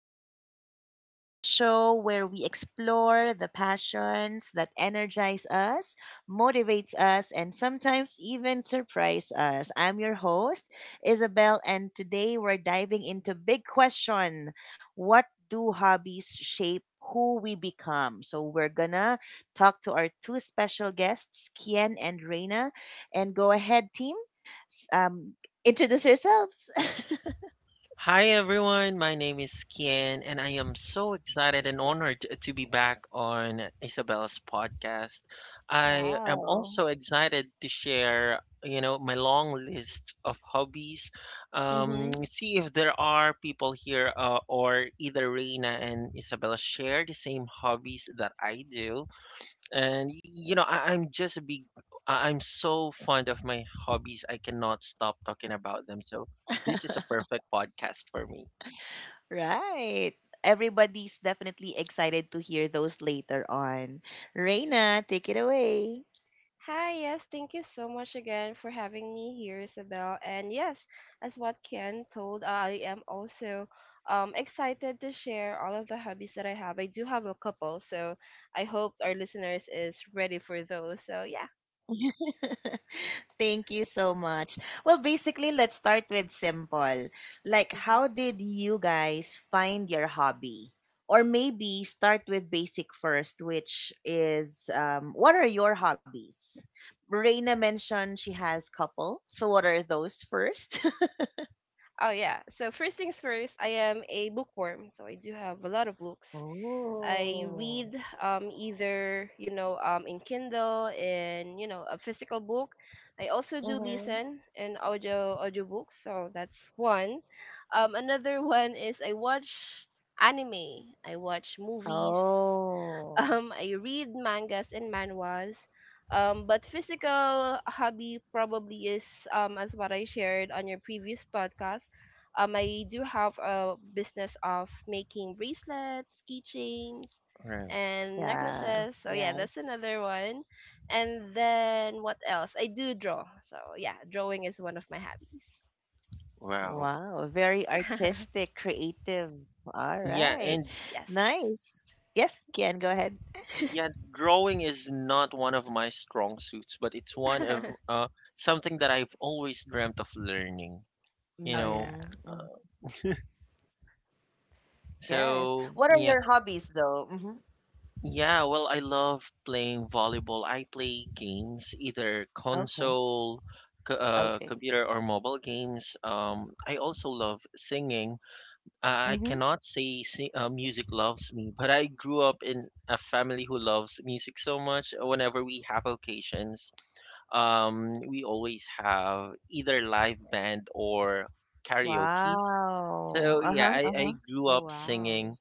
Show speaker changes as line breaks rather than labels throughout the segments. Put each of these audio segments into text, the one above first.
podcast, the show where we explore the passions that energize us, motivates us, and sometimes even surprise us. I'm your host, Isabel, and today we're diving into big question: What do hobbies shape? Who we become. So, we're gonna talk to our two special guests, Kian and Reina. And go ahead, team. s- Um, Introduce yourselves.
Hi everyone, my name is Kian, and I am so excited and honored to be back on Isabella's podcast. I am
Wow.
also excited to share, you know, my long list of hobbies.
Mm-hmm.
See if there are people here, or either Reina and Isabella share the same hobbies that I do. And you know, I'm just a big I'm so fond of my hobbies I cannot stop talking about them, so this is a perfect podcast for me.
Right. Everybody's definitely excited to hear those later on. Reina, take it away.
Hi, yes, thank you so much again for having me here, Isabel. And yes, as what Ken told, I am also excited to share all of the hobbies that I have. I do have a couple, so I hope our listeners is ready for those. So yeah.
Thank you so much. Well, basically, let's start with simple. Like,
Hmm.
how did you guys find your hobby? Or maybe start with basic first, which is what are your hobbies? Reina mentioned she has couple. So, what are those first?
Oh yeah. So first things first, I am a bookworm, so I do have a lot of books. I read either in Kindle, in a physical book. I also do
Oh.
listen in audiobooks, so that's one. Another one is I watch anime. I watch movies.
Oh,
I read mangas and manhwas. But physical hobby probably is as what I shared on your previous podcast. I do have a business of making bracelets, keychains,
Right.
and
yeah,
necklaces. So yeah,
yes.
that's another one. And then what else? I do draw. So yeah, drawing is one of my hobbies.
Wow.
Wow, very artistic, creative. All
Yeah,
right,
and
Yes.
nice. Yes, Kian, go ahead.
yeah, drawing is not one of my strong suits, but it's one of something that I've always dreamt of learning, you
Oh
know.
yeah.
Mm-hmm.
uh,
Yes.
so
What are
yeah,
your hobbies, though? Mm-hmm.
Yeah, well, I love playing volleyball. I play games, either
Okay,
console,
okay.
computer, or mobile games. I also love singing. I
Mm-hmm.
cannot say music loves me, but I grew up in a family who loves music so much. Whenever we have occasions, we always have either live band or karaoke's.
Wow.
So yeah,
Uh-huh,
I,
uh-huh.
I grew
Oh
up
wow.
singing,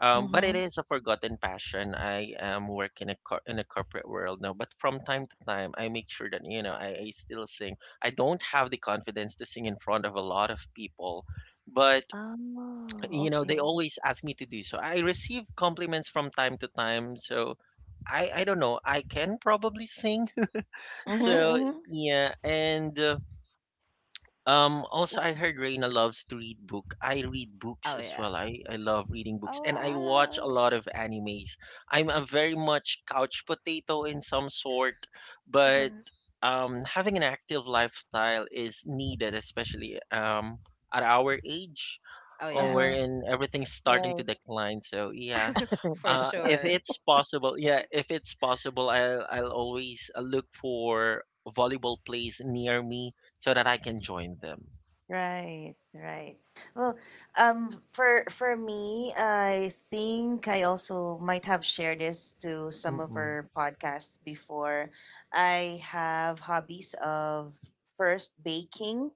but it
Mm-hmm.
is a forgotten passion. I am working in a corporate world now, but from time to time, I make sure that you know, I still sing. I don't have the confidence to sing in front of a lot of people, but
Oh,
you know they
okay.
always ask me to do so. I receive compliments from time to time, so I don't know. I can probably sing.
Mm-hmm,
So
mm-hmm.
yeah, and also, I heard Reina loves to read book. I read books
Oh
as
yeah.
well. I love reading books,
Oh
and I watch a
wow.
lot of animes. I'm a very much couch potato in some sort, but having an active lifestyle is needed, especially at our age,
Oh
or
yeah,
Uh-huh.
wherein everything's starting
Right.
to decline. So yeah,
for sure.
if it's possible, I'll always look for volleyball plays near me so that I can join them.
Right, right. Well, for me, I think I also might have shared this to some of
Mm-mm.
our podcasts before. I have hobbies of first baking.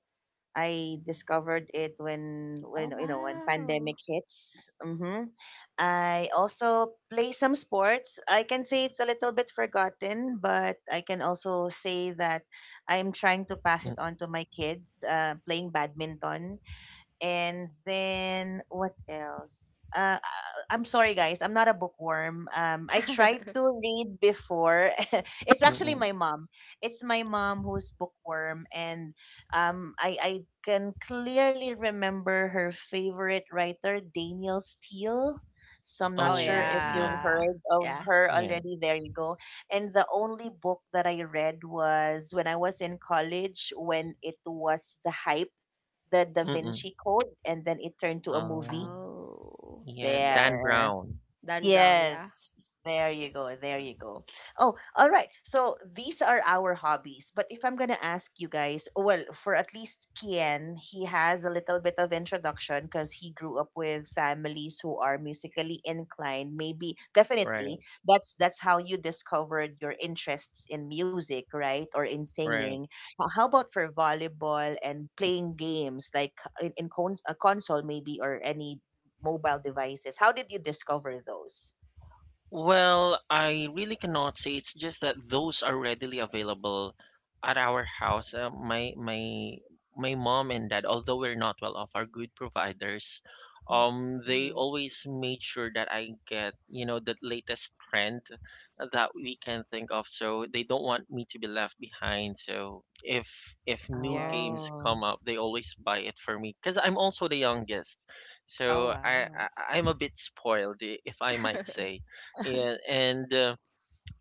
I discovered it when
Oh
when you know when
wow.
pandemic hits. Hmm. I also play some sports. I can say it's a little bit forgotten, but I can also say that I'm trying to pass it
Mm-
on to my kids. Playing badminton, and then what else? Uh, I- I'm sorry, guys. I'm not a bookworm. I tried to read before. It's actually
Mm-mm.
my mom. It's my mom who's bookworm, and I can clearly remember her favorite writer, Daniel Steele. So I'm not
Oh
sure
Oh,
if you've
yeah,
yeah.
heard of
Yeah.
her
yeah.
already. There you go. And the only book that I read was when I was in college when it was the hype, the Da
Mm-mm.
Vinci Code, and then it turned to a movie.
Um,
Oh.
yeah,
Yeah.
Dan
There.
Brown.
Dan Brown, yeah.
Yes. There you go. There you go. Oh, all right. So these are our hobbies. But if I'm going to ask you guys, well, for at least Kian, he has a little bit of introduction because he grew up with families who are musically inclined. Maybe definitely
Right,
that's how you discovered your interests in music, right? Or in
right.
singing. How about for volleyball and playing games like in a console maybe, or any mobile devices. How did you discover those?
Well, I really cannot say. It's just that those are readily available at our house. My mom and dad, although we're not well off, are good providers.
Mm.
They
Mhm.
always made sure that I get, you know, the latest trend that we can think of. So they don't want me to be left behind. So if new
Yeah.
Oh.
Right.
games come up, they always buy it for me because I'm also the youngest.
Oh
So I,
wow.
I I'm a bit spoiled, if I might say. Yeah, and uh,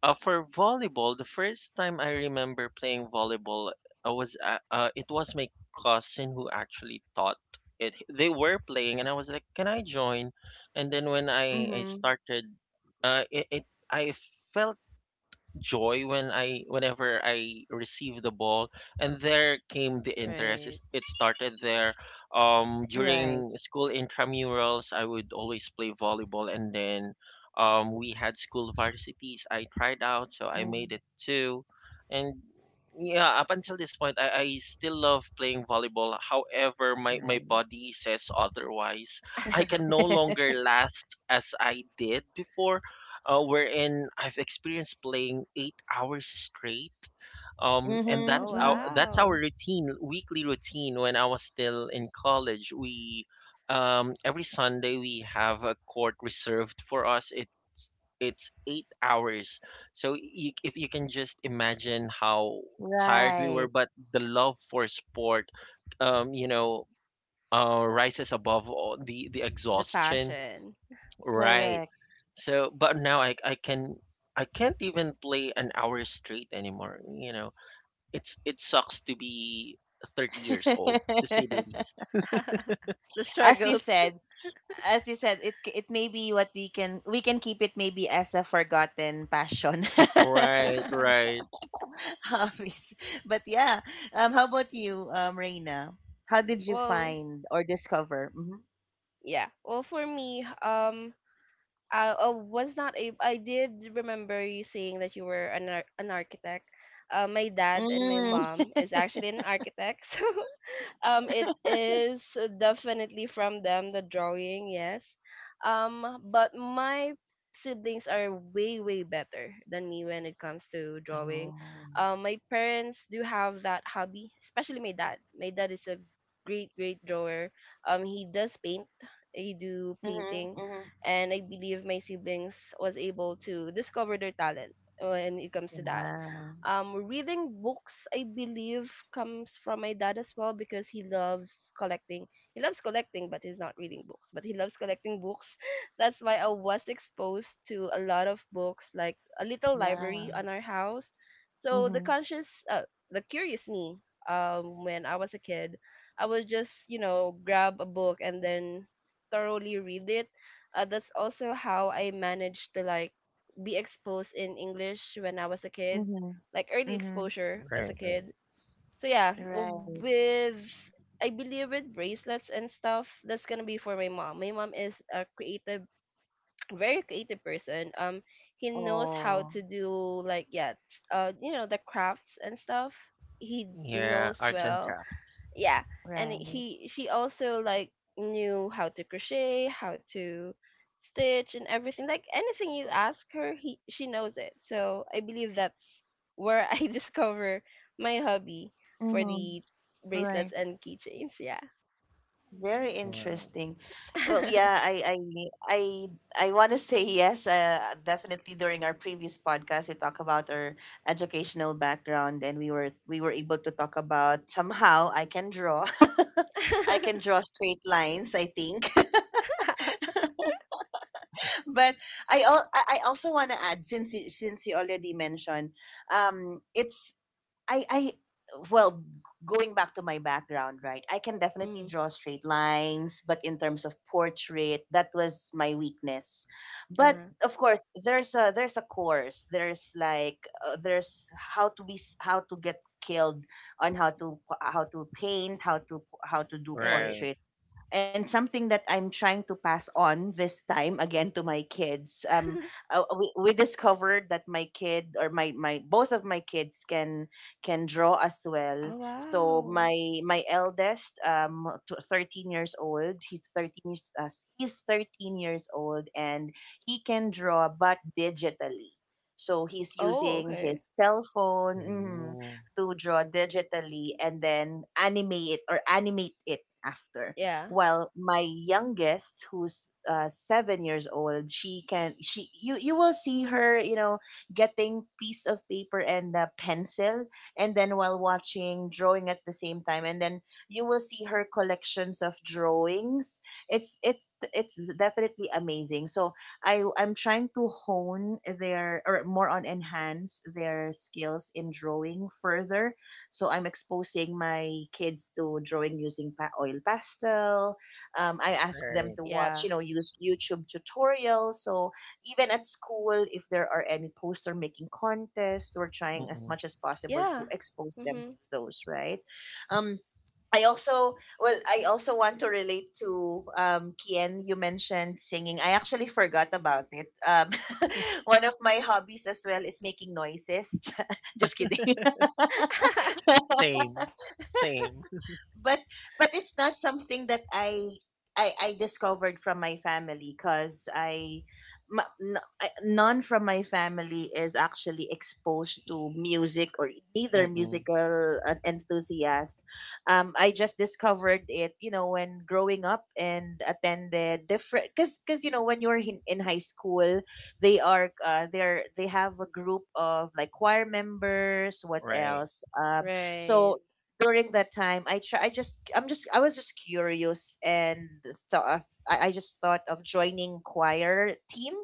uh, for volleyball, the first time I remember playing volleyball, I was it was my cousin who actually taught it. They were playing, and I was like, "Can I join?" And then when
Mm-hmm.
I started, it, it I felt joy whenever I received the ball, and there came the interest.
Right.
It started there.
Right.
During school intramurals, I would always play volleyball, and then we had school varsities. I tried out, so I
Mm.
made it too, and yeah, up until this point, I still love playing volleyball. However, my
Nice.
body says otherwise. I can no longer last as I did before, wherein I've experienced playing 8 hours straight. And
Mm-hmm.
Oh
Mm-hmm.
that's our
wow.
routine, weekly routine. When I was still in college, we every Sunday we have a court reserved for us. It it's 8 hours. So you, if you can just imagine how tired we were,
Right.
but the love for sport, um, you know, rises above all the
The
exhaustion.
passion.
Right.
Correct.
So, but now I can I can't even play an hour straight anymore. You know, it's it sucks to be 30 years old, to say the least.
The
as you
struggles.
said, as you said, it may be what we can keep it, maybe as a forgotten passion.
Right, right,
Hobbies. But yeah. How about you, Reina? How did you
Well,
find or discover? Mm-hmm.
yeah. Well, for me, I was not able. I did remember you saying that you were an an architect. My dad and my
Mm.
mom is actually an architect, so it is definitely from them, the drawing, yes. But my siblings are way better than me when it comes to drawing.
Oh.
My parents do have that hobby, especially my dad. My dad is a great drawer. He does paint, he do painting.
Mm-hmm. Mm-hmm.
And I believe my siblings was able to discover their talent when it comes to that.
Yeah.
Reading books, I believe, comes from my dad as well because he loves collecting. He loves collecting, but he's not reading books. But he loves collecting books. That's why I was exposed to a lot of books, like a little library
Yeah.
on our house. So the
Mhm.
conscious, the curious me, when I was a kid, I would just, you know, grab a book and then thoroughly read it. That's also how I managed to like be exposed in English when I was a kid,
Mhm.
like early
Mhm.
exposure as
right.
a kid. So yeah, w-
Right.
with I believe with bracelets and stuff, that's gonna be for my mom. My mom is a creative, very creative person. He knows how
Oh,
to do like yeah, you know, the crafts and stuff. He
Yeah,
knows
arts and
well,
craft.
yeah. And
right.
he she also like knew how to crochet, how to stitch and everything. Like anything you ask her, he she knows it. So I believe that's where I discover my hobby for
Mhm.
the
Right.
bracelets and keychains, yeah.
Very
Wow.
interesting. Well, yeah, I I want to say yes. Definitely during our previous podcast, we talked about our educational background, and we were able to talk about somehow I can draw. I can draw straight lines, I think. But I al- I also want to add, since since you already mentioned, it's I well, going back to my background, right? I can definitely
Mm.
draw straight lines, but in terms of portrait, that was my weakness. But
Uh-huh.
of course, there's a course. There's like, there's how to how to get skilled on how to paint, how to do
Right.
Right.
portrait, and something that I'm trying to pass on this time again to my kids. We discovered that my kid, or my both of my kids can draw as well.
Oh
So
wow.
my eldest, 13 years old, he's 13 years old, and he can draw, but digitally. So he's
Oh,
using
okay.
his cell phone, mhm,
Ooh,
to draw digitally and then animate it, or animate it after.
Yeah.
Well, my youngest, who's 7 years old, she can she you will see her, getting piece of paper and a pencil, and then while watching drawing at the same time, and then you will see her collections of drawings. It's it's it's definitely amazing. So I'm trying to hone their, or more on enhance their skills in drawing further, so I'm exposing my kids to drawing using oil pastel. I ask them
right.
to watch,
Yeah,
use YouTube tutorials. So even at school, if there are any poster making contests, we're trying as
Mm-mm.
much as possible
yeah.
to expose them
Mm-hmm.
to those, right? Um, I also want to relate to Kien. You mentioned singing. I actually forgot about it. One of my hobbies as well is making noises. Just kidding.
Same. Same.
But it's not something that I discovered from my family, because I, ma- n- I none from my family is actually exposed to music, or either
Mm-mm.
musical enthusiast. I just discovered it, when growing up, and attended different, because when you're in high school, they are they're they have a group of like choir members. What
Right.
else?
Right.
So during that time I was just curious and thought I just thought of joining choir team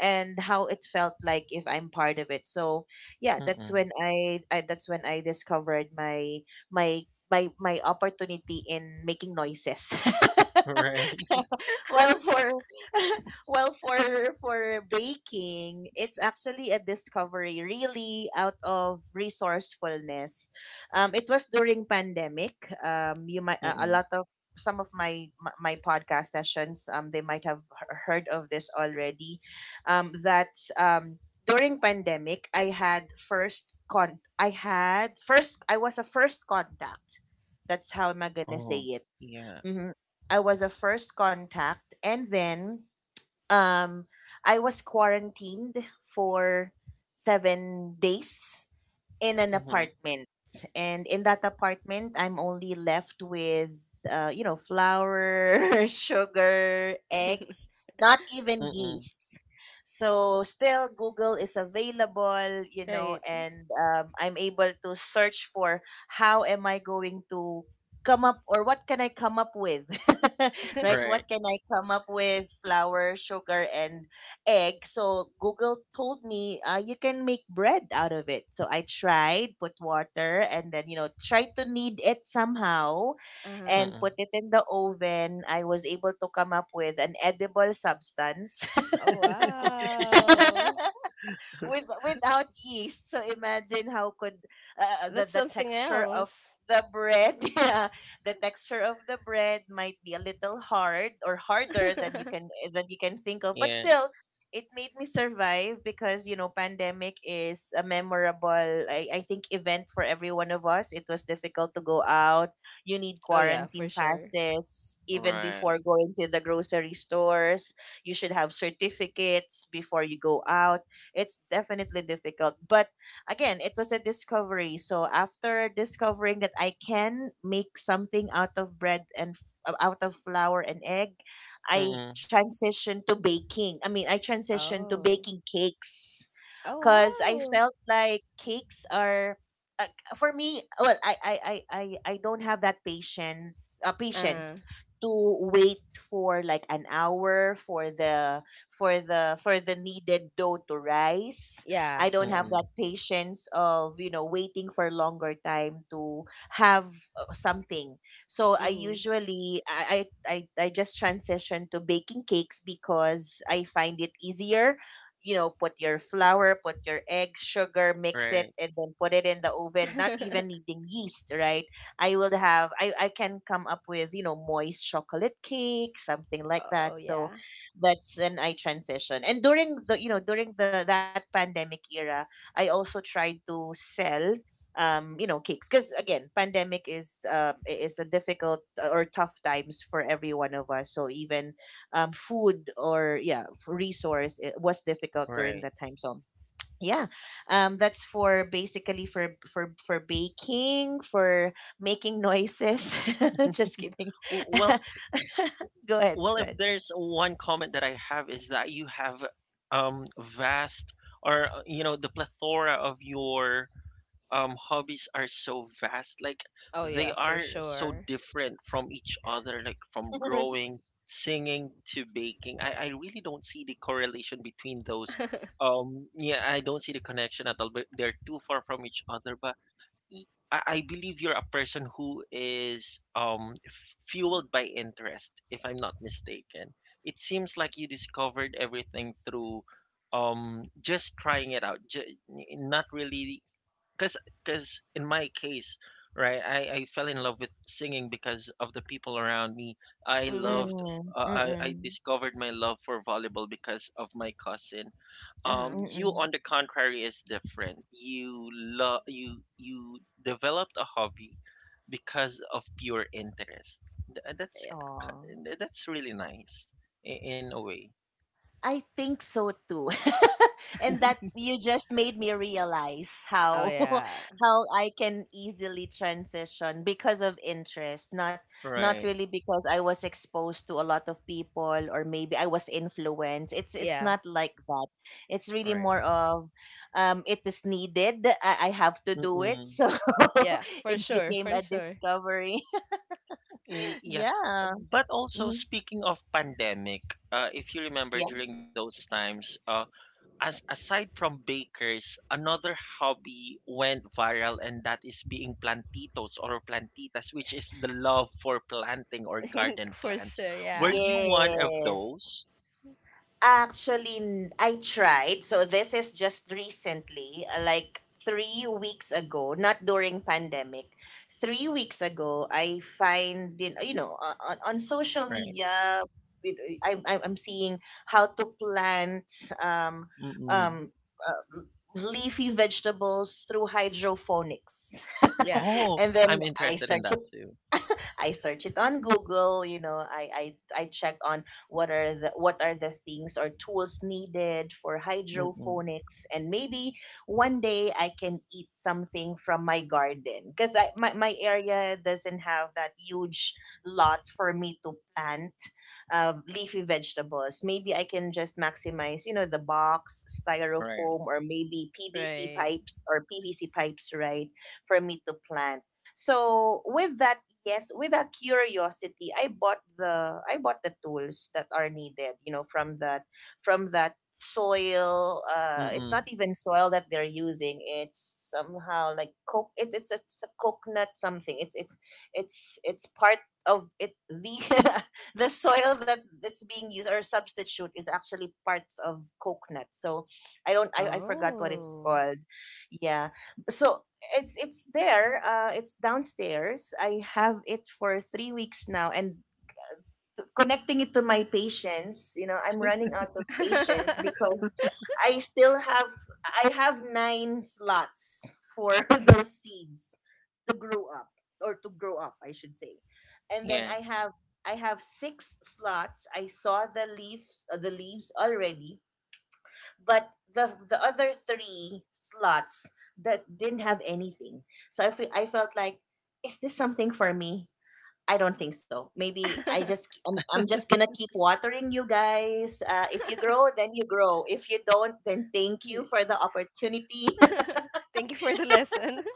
and how it felt like if I'm part of it, so yeah, that's
Mm-mm.
when I discovered my my opportunity in making noises.
Right.
well for Well, for baking, it's actually a discovery really out of resourcefulness. It was during pandemic. You might a
Mm-mm.
lot of some of my podcast sessions. They might have heard of this already. That um During pandemic, I had first con. I had first. I was a first contact. That's how am I gonna say
Oh,
it?
yeah.
Hmm. I was a first contact, and then um, I was quarantined for 7 days in an
Mm-hmm.
apartment. And in that apartment, I'm only left with, flour, sugar, eggs, not even
Mm-mm.
yeasts. So still, Google is available,
Right.
and I'm able to search for how am I going to come up, or what can I come up with. Right?
Right.
What can I come up with? Flour, sugar, and egg. So Google told me, you can make bread out of it. So I tried, put water, and then tried to knead it somehow,
Uh-huh.
and
Mm-mm.
put it in the oven. I was able to come up with an edible substance.
Oh wow.
Without yeast. So imagine how could, the
That's
the
something
texture
else.
of the bread, yeah, the texture of the bread might be a little hard, or harder than you can eh, than you can think of, but
Yeah.
still. It made me survive because pandemic is a memorable, I think, event for every one of us. It was difficult to go out. You need
Oh yeah, for
quarantine
sure.
passes even
Right.
before going to the grocery stores. You should have certificates before you go out. It's definitely difficult. But again, it was a discovery. So after discovering that I can make something out of bread and f- out of flour and egg, I
Mm-mm.
transitioned to baking. I mean, I transitioned to
Oh.
baking cakes because I
Oh
felt like cakes are, uh, for me. Well, I don't have that patient
wow.
patience
Uh,
to wait for like an hour for the needed dough to rise.
yeah,
I don't have
yeah.
Mm-mm.
that patience of waiting for longer time to have, something. So I
Mm.
usually I just transition to baking cakes because I find it easier. You know, put your flour, put your egg, sugar, mix it,
Right.
and then put it in the oven, not even needing yeast, right? I will have, I can come up with, you know, moist chocolate cake, something like that.
Oh
So
yeah.
that's when I transition. And during the, that pandemic era, I also tried to sell cakes, because again pandemic is, a difficult, or tough times for every one of us, so even food or yeah resource, it was difficult during
Right.
that time, so yeah. That's for basically, for baking, for making noises. Just kidding.
Well,
go ahead
well,
go
if
ahead
there's one comment that I have is that you have vast or you know the plethora of your hobbies are so vast. Like
Oh
they
yeah, for
are so
sure.
different from each other, like from growing, singing to baking. I really don't see the correlation between those. Yeah, I don't see the connection at all, but they're too far from each other. But y- I believe you're a person who is fueled by interest, if I'm not mistaken. It seems like you discovered everything through just trying it out, not really, because because in my case, right, I fell in love with singing because of the people around me. I loved,
Mm.
Mm,
I
mm-mm,
discovered my love for volleyball because of my cousin.
Uh-huh.
You,
mm-mm.
on the contrary, is different. You love you you developed a hobby because of pure interest. Th- That's
Yeah.
Aw.
that's really nice in a way.
I think so too. And that you just made me realize
Oh
how
yeah.
how I can easily transition because of interest, not
Right,
really because I was exposed to a lot of people, or maybe I was influenced. It's
Yeah.
not like that. It's really
right.
more of, it is needed. I have to do it.
Mm-mm.
So
Yeah, for
it
sure,
became
for
a
sure.
discovery.
Yeah,
Yeah.
but also
Hmm.
speaking of pandemic, if you
Yeah.
remember during those times, as aside from bakers, another hobby went viral, and that is being plantitos or plantitas, which is the love for planting or garden
For
plants.
sure,
Were
yeah.
you one of
Yes.
those?
Actually, I tried. So this is just recently, like 3 weeks ago, not during pandemic. 3 weeks ago, I find in on social
Right.
media, with- I'm seeing how to plant um
Mm-mm.
um. Uh, leafy vegetables through hydroponics.
Yeah,
Oh,
And then
I'm
i
interested in
started
that too.
I search it on Google. You know, I check on what are the things or tools needed for
Mm-mm.
hydroponics, and maybe one day I can eat something from my garden, because I my area doesn't have that huge lot for me to plant leafy vegetables. Maybe I can just maximize, you know, the box,
Right.
styrofoam, or maybe PVC
right.
pipes or PVC pipes, right, for me to plant. So with that, Yes, with a curiosity, I bought the tools that are needed, you know, from that from that soil. It's not
Mm-mm.
even soil that they're using. It's somehow like coke. It's a coconut something. It's part of it. The the soil that's being used or substitute is actually parts of coconut. So I don't I forgot what it's
Oh.
called. Yeah. So it's there. It's downstairs. I have it for 3 weeks now, and connecting it to my patience. You know, I'm running out of patience because I still have I have nine slots for those seeds to grow up or to grow up, I should say, and then
Yeah.
I have six slots. I saw the leaves, the leaves already, but the other three slots that didn't have anything. So I felt like, is this something for me? I don't think so. Maybe I'm just gonna keep watering you guys. If you grow, then you grow. If you don't, then thank you
Y-
for the opportunity.
Thank you for the lesson.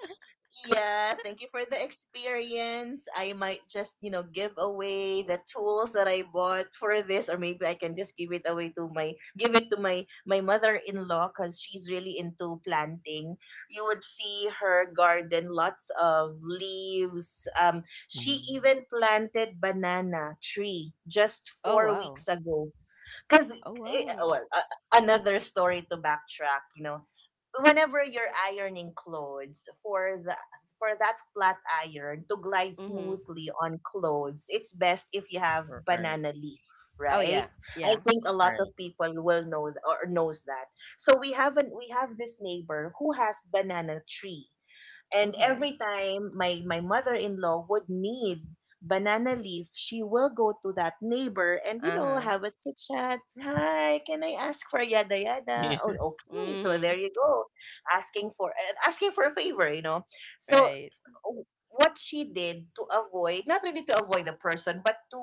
Yeah, thank you for the experience. I might just, you know, give away the tools that I bought for this, or maybe I can just give it to my mother-in-law, cuz she's really into planting. You would see her garden, lots of leaves. She
Mm.
even planted banana tree just
Oh
4 weeks
wow.
ago. Because,
Oh wow.
well, another story to backtrack, you know, whenever you're ironing clothes, for that flat iron to glide
Mhm.
smoothly on clothes, it's best if you have
Right.
banana leaf,
Oh
right?
yeah.
I
Yeah.
think a lot
Right.
of people will know or knows that. So we have this neighbor who has banana tree, and
Okay.
every time my mother-in-law would need banana leaf, she will go to that neighbor and, you know,
Uh-huh.
have a chit chat. Hi, can I ask for yada yada? Oh,
Yeah.
okay. So there
Mhm.
you go, asking for a favor. You know, so
Right.
what she did, to avoid not really to avoid the person, but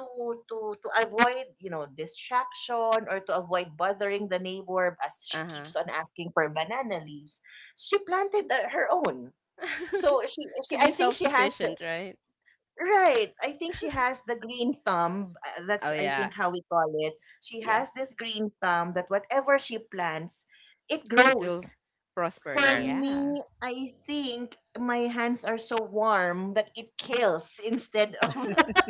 to to avoid, you know, distraction, or to avoid bothering the neighbor, as she
Uh-huh.
keeps on asking for banana leaves, she planted her own. So she
To be
I think she has the.
self-sufficient, right?
Right. I think she has the green thumb, that's
Oh
I think
yeah.
how we call it. She
Yeah.
has this green thumb that whatever she plants, it
It
grows.
will prosper.
For
Right.
Yeah.
me, I think my hands are so warm that it kills instead of.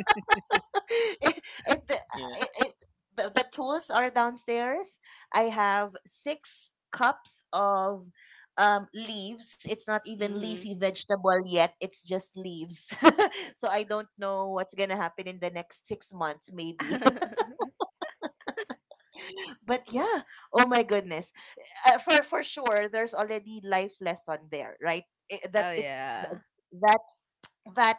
it, it,
Yeah.
it, it, the tools are downstairs. I have 6 cups of leaves. It's not even
Mhm.
leafy vegetable yet. It's just leaves. So I don't know what's gonna happen in the next 6 months, maybe. But yeah, oh my goodness, for sure, there's already life lesson there, right? I that
Oh
it th-
yeah.
that that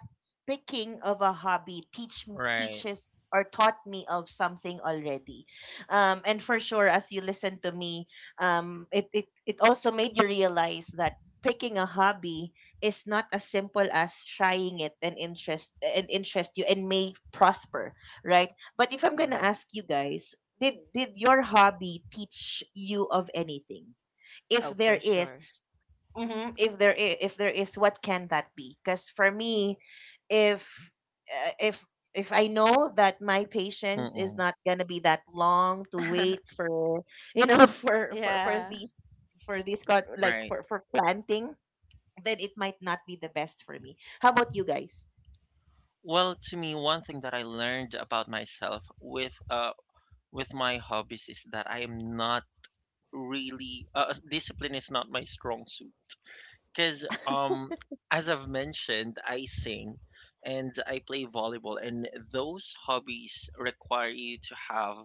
picking of a hobby
Right.
teaches, or taught me of something already, and for sure, as you listen to me, it also made you realize that picking a hobby is not as simple as trying it, and interest you and may prosper, right? But if I'm gonna
Right.
ask you guys, did your hobby teach you of anything, if
Oh, for
there
sure.
is? Mhm, if there is, what can that be? Because for me, if uh, if if I know that my patience is
Mm-mm.
not going to be that long to wait for, you know,
Yeah.
for these like
Right.
for planting, then it might not be the best for me. How about you guys?
Well, to me, one thing that I learned about myself with my hobbies is that I am not really discipline is not my strong suit because as I've mentioned, I sing and I play volleyball, and those hobbies require you to have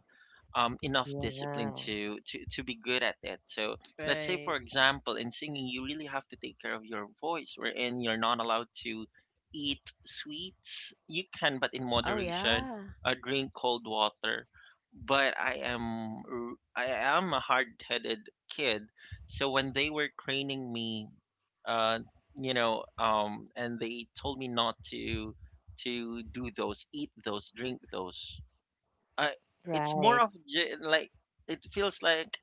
enough
Yeah.
discipline to be good at it. So let's say,
Right.
for example, in singing, you really have to take care of your voice, wherein you're not allowed to eat sweets. You can, but in
Oh
moderation,
yeah.
drink cold water. But I am a hard-headed kid, so when they were training me, uh, and they told me not to do those, eat those, drink those. I it's more
Right.
of like it feels like,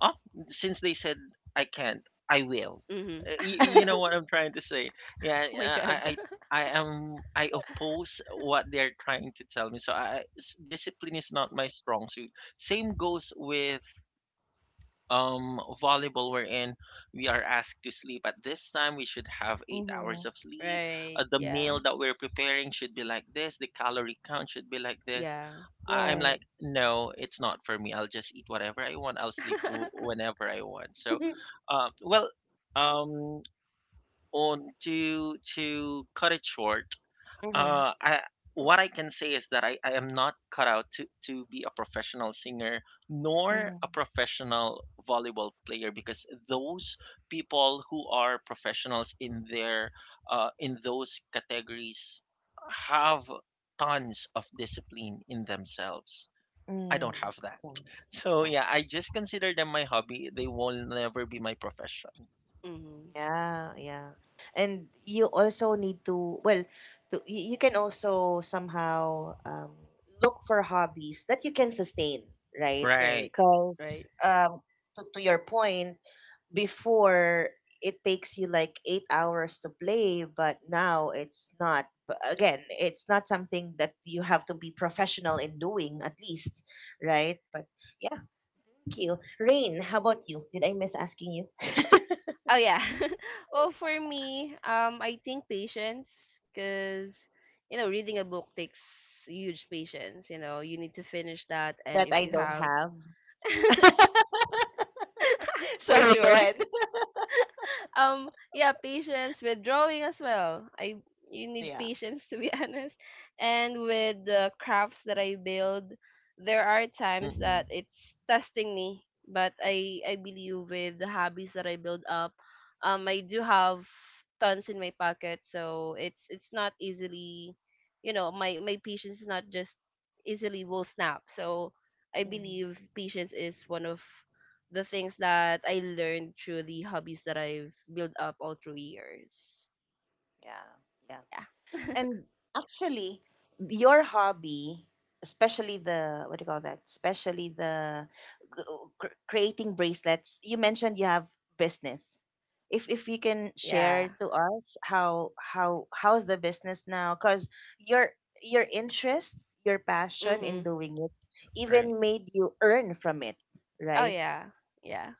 oh, since they said I can't, I will.
Mhm.
You
Oh
know what I'm trying to say? Yeah,
my god.
I am. I oppose what they're trying to tell me. Discipline is not my strong suit. Same goes with volleyball, wherein we are asked to sleep at this time. We should have 8 hours
Mm-hmm.
of sleep.
Right.
The
Yeah.
meal that we're preparing should be like this. The calorie count should be like this.
Yeah.
I'm
Right.
like no, it's not for me. I'll just eat whatever I want. I'll sleep whenever I want. So uh, well um on to cut it short,
Mm-hmm.
I, what I can say is that I am not cut out to be a professional singer nor
Mm-hmm.
a professional volleyball player, because those people who are professionals in their in those categories have tons of discipline in themselves. I
Mm.
don't have that. So
Yeah.
yeah, I just consider them my hobby. They will never be my profession.
Mm-hmm.
Yeah, yeah. And you also need to, well, you can also somehow, look for hobbies that you can sustain, right?
Right.
Right.
Because,
Right.
to your point, before it takes you like 8 hours to play, but now it's not. But again, it's not something that you have to be professional in doing, at least, right? But yeah, thank you. Rain, how about you? Did I miss asking you
Oh yeah. Well, for me, I think patience, because you know, reading a book takes huge patience. You know, you need to finish that, and
that
if
I
you
don't
have,
have?
for
Sorry, go
sure,
ahead.
yeah, patience with drawing as well. I You need
Yeah.
patience to be honest. And with the crafts that I build, there are times
Mm-mm.
that it's testing me, but I believe with the hobbies that I build up, I do have tons in my pocket, so it's not easily, you know, my patience is not just easily will snap. So I
Mhm.
believe patience is one of the things that I learned through the hobbies that I've built up all through years.
Yeah, yeah.
Yeah.
And actually, your hobby, especially the what do you call that? Especially the g- creating bracelets. You mentioned you have business. If you can
Yeah.
share to us how's the business now? Because your interest, your passion in
Mhm.
doing it,
Right.
even made you earn from it,
Oh
right?
yeah. Yeah.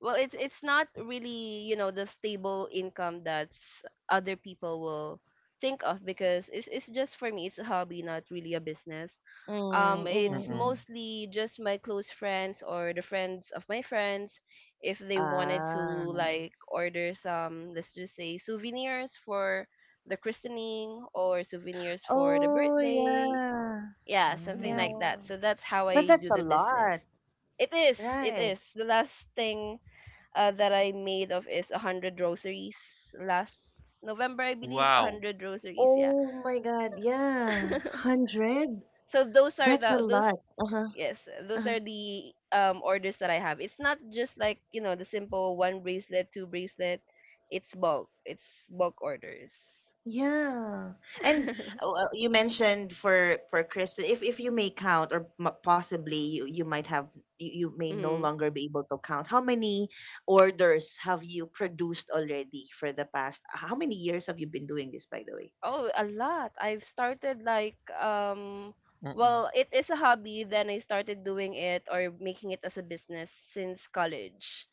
Well, it's not really, you know, the stable income that other people will think of, because it's just for me, it's a hobby, not really a business. It's
Mm-mm.
Mm-hmm.
mostly just my close friends or the friends of my friends, if they wanted to
Ah.
like order some, let's just say souvenirs for the christening or souvenirs for the
Oh,
birthday,
yeah.
yeah, something
Mm.
like
Yeah.
that. So that's how
But
I
that's a
do the
lot,
business. It is, it
right?
is. The last thing that I made of is 100 rosaries last November, I believe.
Wow.
100 rosaries, yeah.
Oh my God. Yeah. 100?
So those are
That's a
the those,
lot. Uh-huh.
yes, those
Uh-huh.
are the orders that I have. It's not just like, you know, the simple one bracelet, two bracelet. It's bulk. It's bulk orders.
Yeah. And, well, you mentioned for Kristen, if you may count, or possibly you might have, you may no
Mhm.
longer be able to count how many orders have you produced already? For the past how many years have you been doing this, by the way?
Oh, a lot. I've started like
Mm-mm.
well, it is a hobby. Then I started doing it or making it as a business since college.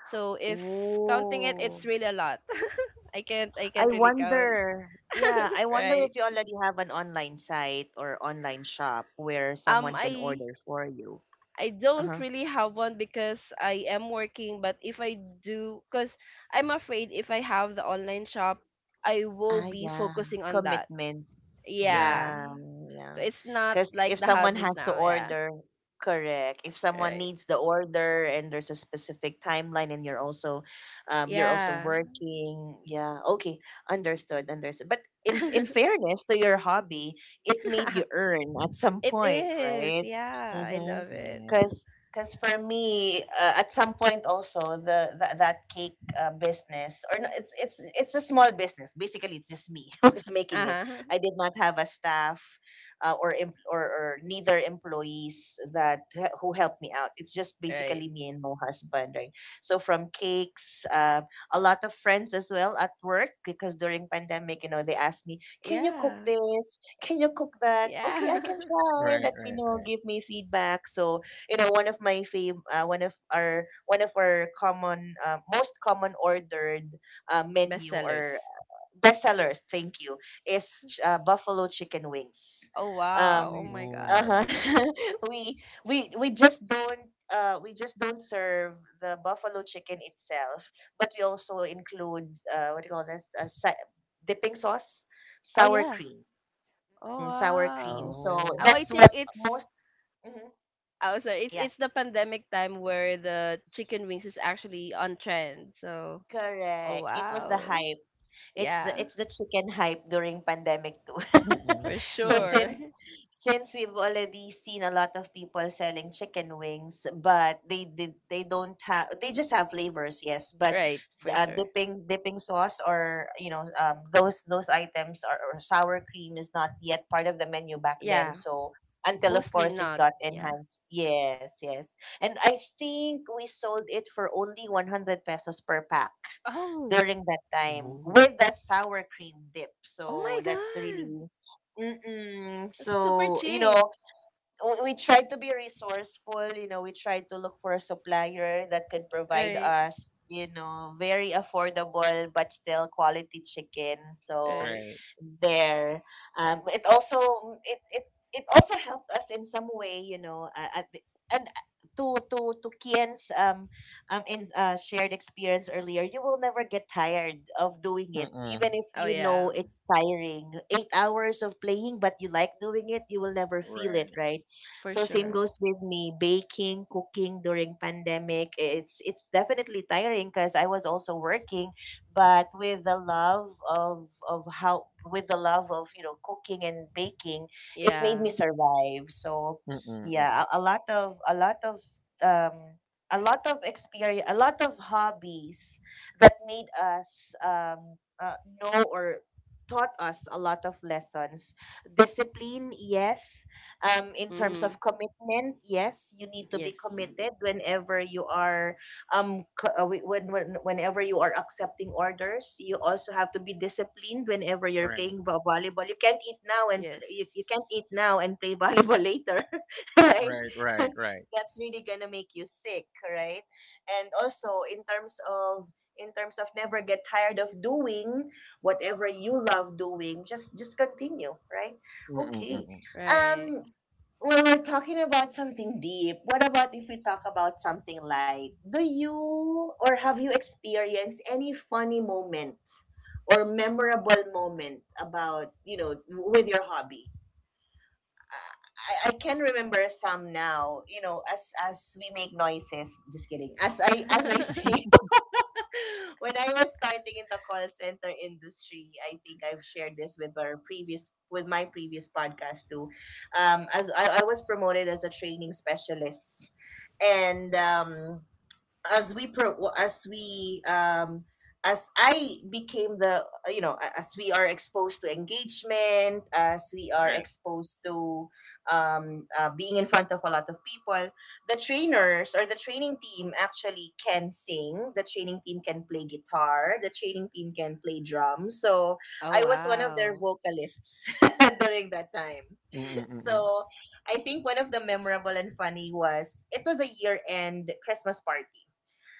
So if counting it,
Oh.
it's really a lot. I can't I
I
can't really count,
wonder, yeah, I wonder
right?
if you already have an online site or online shop where
Um
someone can
I
order for you.
I
Uh
don't
huh.
really have one because I am working, but if I do, cuz I'm afraid if I have the online shop, I will
Ah,
be
yeah.
focusing on that.
Commitment.
Yeah.
Yeah.
Yeah, yeah.
So it's not
Because
like
if
the
someone
hobbies
has to
now, yeah.
order, correct. If someone
Right.
needs the order and there's a specific timeline, and you're also, you're also
Yeah.
working, yeah. Okay, understood, understood. But in fairness to your hobby, it made you earn at some
It
point,
is.
right?
Yeah, I
Mm-hmm.
love it.
Yeah.
Because because for me, at some point also, the that cake business, or no, it's a small business. Basically, it's just me who's making it.
Uh-huh.
I did not have a staff, or neither employees that who helped me out. It's just
Right.
basically me and my husband, right? So from cakes, a lot of friends as well at work because, during pandemic, you know, they asked me, "Can you cook
Yeah.
this? Can you cook that?" Okay, I
Yeah.
can try.
Right,
Let me
right,
know.
right.
Give me feedback. So, you know, one of my fave, one of our common, most common ordered menu or
Bestsellers.
bestsellers, thank you, is buffalo chicken wings.
Oh wow. Oh
Um,
my
Oh, wow.
god.
uh-huh. we we just don't serve the buffalo chicken itself, but we also include, uh, what do you call this? A dipping sauce,
Oh
sour
yeah.
cream,
Oh
mm, sour cream.
wow.
So
Oh,
Oh,
wow.
I
that's
think
what
it's
most. Mhm.
oh sorry,
Yeah,
it's the pandemic time where the chicken wings is actually on trend. So, oh
correct. It was the
wow.
hype. It's the
Yeah,
it's the chicken hype during pandemic too.
Mm-mm.
for
So
sure.
since since we've already seen a lot of people selling chicken wings, but they don't have, they just have flavors, yes, but,
Right, for sure.
dipping sauce, or, you know, those items, or sour cream is not yet part of the menu back then.
Yeah,
So until, of
mostly
course, it
not.
got
Yeah.
enhanced. Yes, yes. And I think we sold it for only ₱100 per pack
Oh,
during that time
Ooh.
with the sour cream dip.
oh my
So that's
god.
really, mm-mm.
Super
So, you
cheap.
know, we tried to be resourceful, you know, we tried to look for a supplier that could provide
Right,
us, you know, very affordable but still quality chicken. So
right.
Right.
there, um it also it it, it also helped us in some way, you know, at the, and to Kian's, in shared experience earlier, you will never get tired of doing it,
Mm-mm.
even if,
Oh
you know,
yeah,
it's tiring, 8 hours of playing, but you like doing it, you will never feel it,
Right.
right?
for
So same
sure.
goes with me, baking, cooking during pandemic. It's definitely tiring because I was also working, but with the love of, you know, cooking and baking, it made
Yeah.
me survive. So
Mm-mm. Mm-mm.
yeah, a lot of um a lot of experience, a lot of hobbies that made us know or taught us a lot of lessons. Discipline, yes. In terms
Mm-hmm.
of commitment, yes, you need to be
Yes.
committed whenever you are whenever you are accepting orders. You also have to be disciplined whenever you're
Right.
playing volleyball. You can't eat now and
Yes.
you can't eat now and play volleyball later. Right.
Right, right, right.
That's really gonna make you sick, right? And also in terms of, never get tired of doing whatever you love doing. Just continue, right?
Mm-mm.
Okay.
Mm-mm.
Right.
Um, well, we're talking about something deep. What about if we talk about something light? Do you or have you experienced any funny moment or memorable moment about, with your hobby? I can remember some now, as we make noises. Just kidding. As I sing. When I was starting in the call center industry, I think I've shared this with our previous with my previous podcast too. As I was promoted as a training specialist, and as we pro well, as we as I became the you know a- as we are exposed to engagement, as we are
Right.
exposed to being in front of a lot of people. The trainers or the training team actually can sing. The training team can play guitar. The training team can play drums. So
Oh
I was one of their
wow.
vocalists during that time.
Mm-mm. Mm-mm.
So I think one of the memorable and funny was it was a year end Christmas party.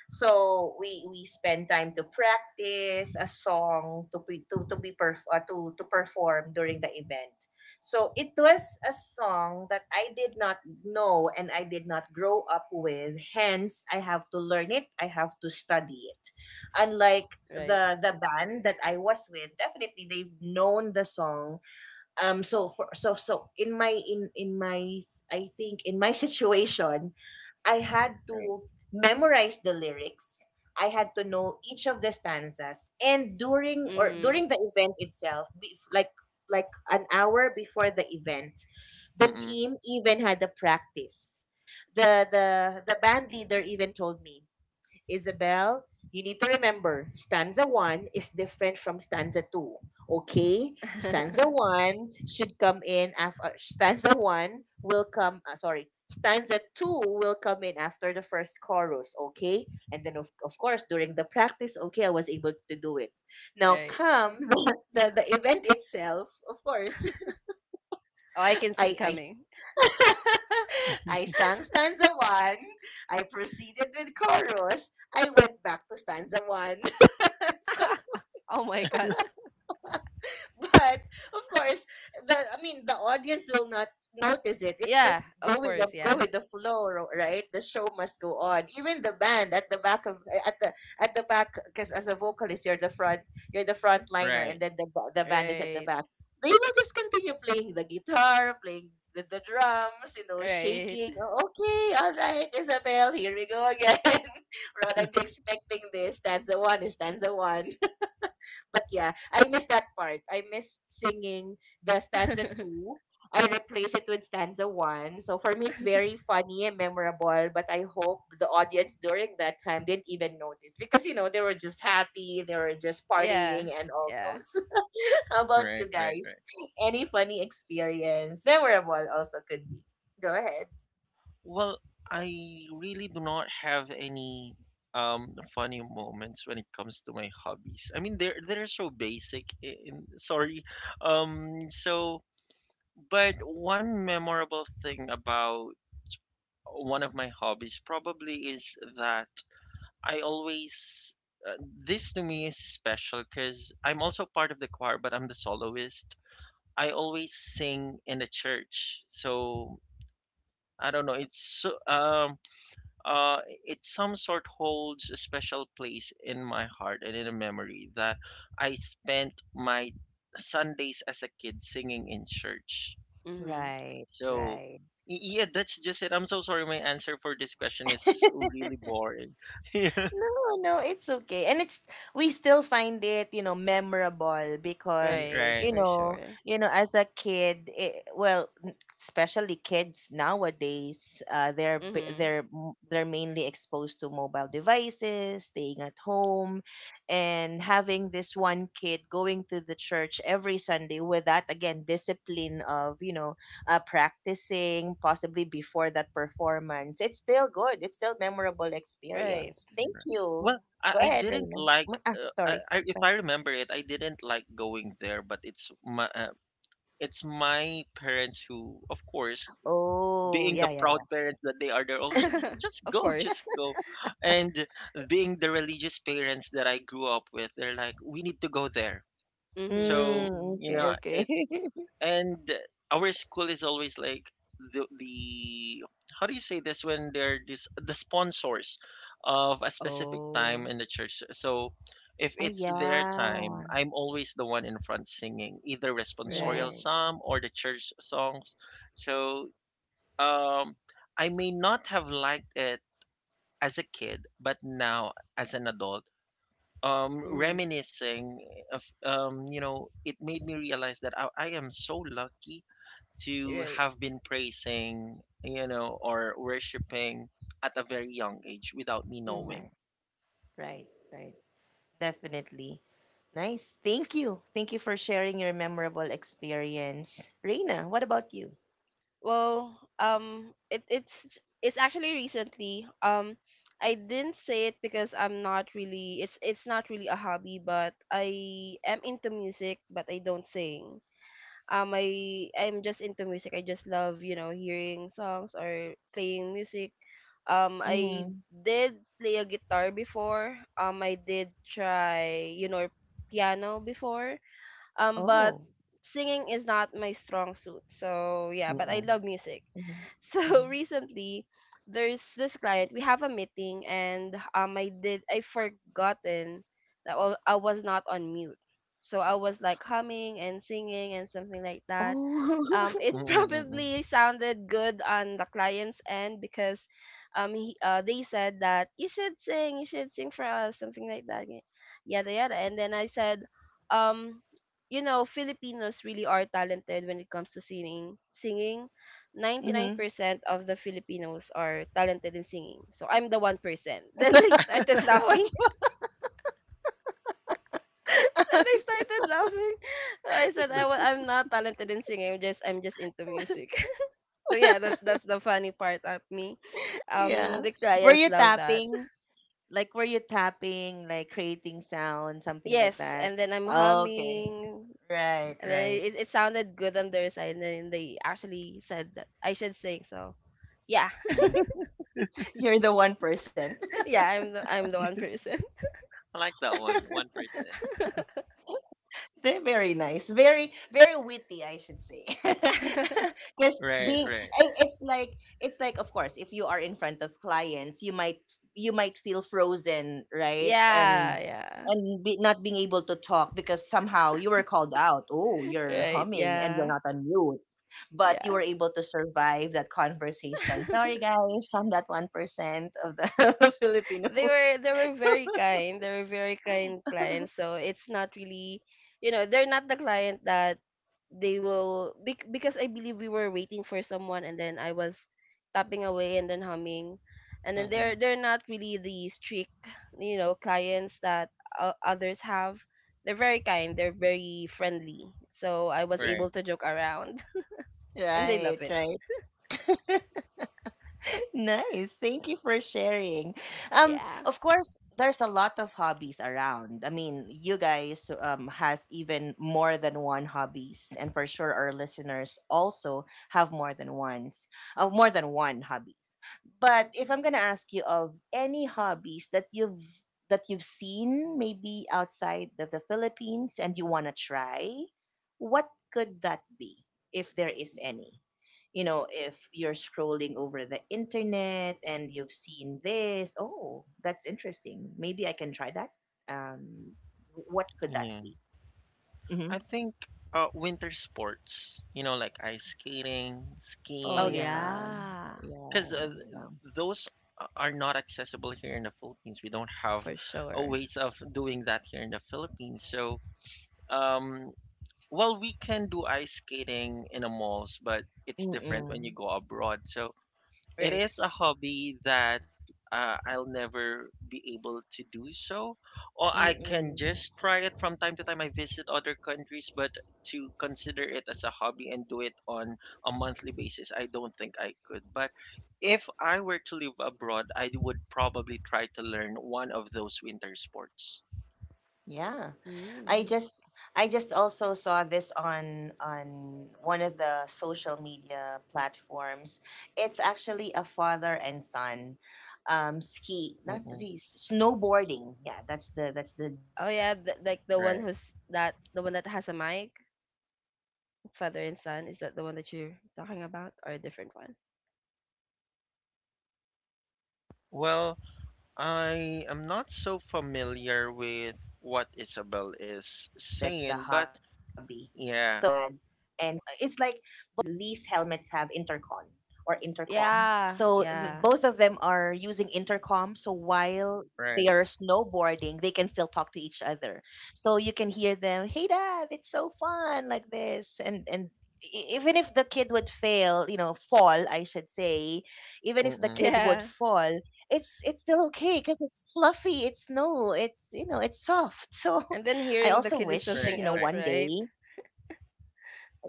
So we spend time to practice a song to to be to perform during the event. So it was a song that I did not know and I did not grow up with. Hence, I have to learn it. I have to study it. Unlike
Right.
the band that I was with, definitely they've known the song. So for so so in my I think in my situation I had
Right.
to memorize the lyrics. I had to know each of the stanzas. And
Mm-hmm.
during the event itself, like an hour before the event, the
Mm-mm.
team even had a practice. The the the band leader even told me, Isabel, you need to remember stanza one is different from stanza two. Okay, stanza one will come. Stanza two will come in after the first chorus. Okay, and then of course during the practice, okay, I was able to do it. Now
Right.
come the event itself, of course.
Oh, I can see
I
coming.
I sang stanza one. I proceeded with chorus. I went back to stanza one. So
Oh my god.
but of course the I mean the audience will not notice it. It's just
Yeah,
go
of
with the
course, yeah.
flow, right? The show must go on. Even the band at the back of eh, at the back, because as a vocalist, you're the front, you're the front liner, and
Right.
then the band is at the
Right.
back. They will just continue playing the guitar, playing the drums, you know,
Right.
shaking, "Oh, okay, all right, Isabel, here we go again." Rather than expecting this stanza one is stanza one. But yeah, I miss that part. I missed singing the stanza two. I replace it with stanza one. So for me, it's very funny and memorable. But I hope the audience during that time didn't even notice, because you know they were just happy, they were just
Yeah.
partying and all
Yeah.
those. How about you
Right, right, right.
guys? Any funny experience? Memorable also could be. Go ahead.
Well, I really do not have any funny moments when it comes to my hobbies. I mean, they're so basic. In, sorry. Um. So But one memorable thing about one of my hobbies probably is that I always this to me is special because I'm also part of the choir, but I'm the soloist. I always sing in the church, so I don't know. It's so, uh it some sort holds a special place in my heart and in a memory that I spent my Sundays as a kid singing in church.
Mm-hmm.
Right,
So,
right.
yeah, that's just it. I'm so sorry. My answer for this question is really boring. yeah,
No, no, it's okay. And it's we still find it, you know, memorable
Y-
because,
Right,
you
right.
for
know,
sure.
as a kid, well, especially kids nowadays, they're
Mm-hmm.
they're mainly exposed to mobile devices, staying at home, and having this one kid going to the church every Sunday, with that again, discipline of, you know, practicing possibly before that performance. It's still good. It's still memorable
Right.
experience. Thank
right.
you.
Well,
Go
I
ahead,
didn't
Reina.
like.
Ah, sorry.
I if
Go
I
ahead.
remember it, I didn't like going there. But it's my parents who, of course,
Oh,
being the
yeah, yeah, yeah.
proud parents that they are, they're always like, just
Of
go, just
course.
go. And being the religious parents that I grew up with, they're like, we need to go there.
Mhm,
Mm,
So
mhm.
you
okay,
know,
okay.
it. And our school is always like the how do you say this, when they're this the sponsors of a specific time
Oh,
in the church, so if
Ah,
it's their time,
yeah.
I'm always the one in front singing either
right.
responsorial
Right,
psalm or the church songs. So um I may not have liked it as a kid, but now, as an adult,
Mhm.
reminiscing of you know it made me realize that I am so lucky to
Right.
have been praising, or worshiping at a very young age without me
Mhm.
knowing.
right, right, right. Definitely. Nice. Thank you. Thank you for sharing your memorable experience. Reina, what about you?
Well, it it's actually recently. I didn't say it because I'm not really, it's not really a hobby, but I am into music, but I don't sing. I'm just into music. I just love, you know, hearing songs or playing music. I
Mm-hmm.
did play a guitar before. I did try, you know, piano before, but
Oh,
singing is not my strong suit, so yeah, but I
Mm-mm.
right.
love music.
Mm-hmm.
So
Hmm.
recently, there's this client, we have a meeting, and I forgotten that I was not on mute. So I was like humming and singing and something like that. It
Oh,
Mm-mm, mm-mm.
probably sounded good on the client's end, because they said that you should sing for us, something like that, yada yada. And then I said, um, you know, Filipinos really are talented when it comes to singing. Singing,
mm-hmm.
99% of the Filipinos are talented in singing. So I'm the 1%. Then they started
I
laughing.
was
Then they started laughing. So I said, I'm not talented in singing. I'm just into music. So yeah, that's the funny part of me.
yeah.
The
Were
clients
you
love that.
tapping? Like, were you tapping, like creating sound, something like
Yes,
that?
and then I'm
Okay.
humming,
Right,
and then
right.
it sounded good on their side, and then they actually said that I should sing. So yeah,
Mm.
You're the 1%.
yeah, I'm the, I'm the one person.
I like that one, 1%.
They're very nice, very very witty, I should say. Because
Right,
being,
right.
it's like, of course, if you are in front of clients, you might, feel frozen, right?
Yeah, yeah,
And be, not being able to talk because somehow you were called out. Oh, you're
right,
humming and you're
yeah,
not on mute, but you
yeah.
were able to survive that conversation. Sorry, guys, I'm that 1% of the Filipino.
They were, they were very kind. They were very kind clients. So it's not really, you know, they're not the client that they will bec- because I believe we were waiting for someone and then I was tapping away and then humming. And then
Mm-mm,
they're not really the strict, you know, clients that others have. They're very kind. They're very friendly. So I was able
right.
to joke around and they
Right,
love it.
right. Nice. Thank you for sharing.
Yeah.
Of course, there's a lot of hobbies around. I mean, you guys has even more than one hobbies, and for sure our listeners also have more than ones, more than one hobby. But if I'm gonna ask you of any hobbies that you've seen maybe outside of the Philippines and you wanna try, what could that be if there is any? You know, if you're scrolling over the internet and you've seen this, oh, that's interesting. Maybe I can try that. Um, what could that be?
Yeah.
Mm-hmm.
I think winter sports, like ice skating,
Oh
Oh
skiing,
yeah,
yeah,
yeah,
because
yeah.
those are not accessible here in the Philippines. We don't have
for
a
sure.
ways of doing that here in the Philippines. So, um, well, we can do ice skating in the malls, but it's different when
Mm-mm.
you go abroad. So it
Right.
is a hobby that I'll never be able to do. So, or I can
Mm-mm.
just try it from time to time. I visit other countries, but to consider it as a hobby and do it on a monthly basis, I don't think I could. But if I were to live abroad, I would probably try to learn one of those winter sports.
Yeah. I
Mm.
just I just also saw this on one of the social media platforms. It's actually a father and son ski not
Mm-mm,
really s- snowboarding. Yeah, that's the
Oh yeah, th like the one
right.
who's that, the one that has a mic, father and son. Is that the one that you're talking about, or a
on
different
top
one?
of the mountain,
Well, I am not so familiar with what
these
Isabel
helmets
is
have intercon
saying, but
or intercom.
yeah,
Yeah. So both of them
Yeah,
are
yeah,
using intercom. So while they are
right.
snowboarding, they can still talk to each other. So you can hear them, "Hey, Dad, it's so fun!" Like this, and even if the kid would fall, I should say, even if the kid
Mm-mm.
would
yeah.
fall, it's still okay because it's fluffy, it's snow, it's you know, it's soft. So
And then
I
hearing the
also
kid is
Right,
something
wish
right,
you know
else,
one
right?
day.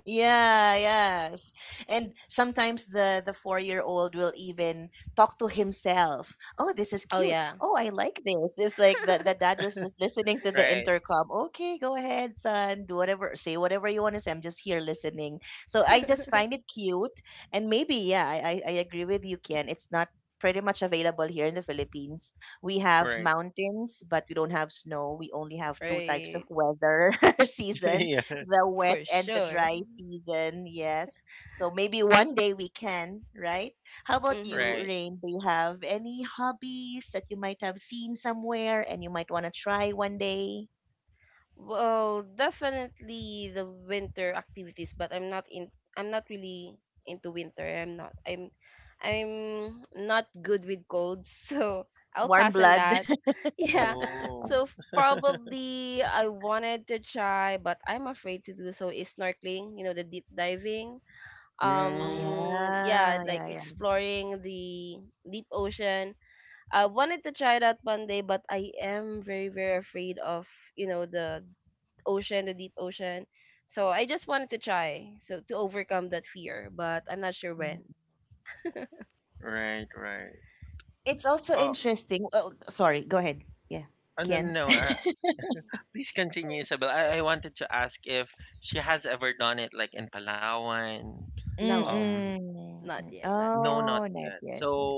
Yeah, yes. And sometimes the 4-year-old will even talk to himself. Oh, this is
Oh
cute.
yeah,
Oh, I like this. It's like the
right,
dad was just listening to the intercom. Okay, go ahead, son. Do whatever, say whatever you want to say. I'm just here listening. So I just find it cute. And maybe yeah, I agree with you, Ken. It's not pretty much available here in the Philippines. We have
right.
mountains, but we don't have snow. We only have two types of
right,
weather season,
Yeah,
the wet
for
and the
sure.
dry season. Yes. So maybe one day we can, right? How about
Mm-hmm.
you,
right.
Rain? Do you have any hobbies that you might have seen somewhere and you might want to try one day?
Well, definitely the winter activities, but I'm not really into winter. I'm not. I'm not good with cold, so I'll
Warm
pass on
blood.
that.
Oh.
Yeah. So probably I wanted to try, but I'm afraid to do so, is snorkeling, you know, the deep diving.
Oh,
Mm,
Yeah,
yeah.
like
Yeah, yeah.
exploring the deep ocean. I wanted to try that one day, but I am very, very afraid of, the ocean, the deep ocean. So I just wanted to try, so to overcome that fear, but I'm not sure
Mm.
when.
right, right.
It's also
Oh,
interesting. Oh, sorry. Go ahead. Yeah.
no, no,
Ken?
no. Please continue, Isabel. I wanted to ask if she has ever done it like in Palawan.
No,
Um,
Mm-mm.
not yet,
no,
not yet.
not
Oh,
yet.
not yet.
So
Not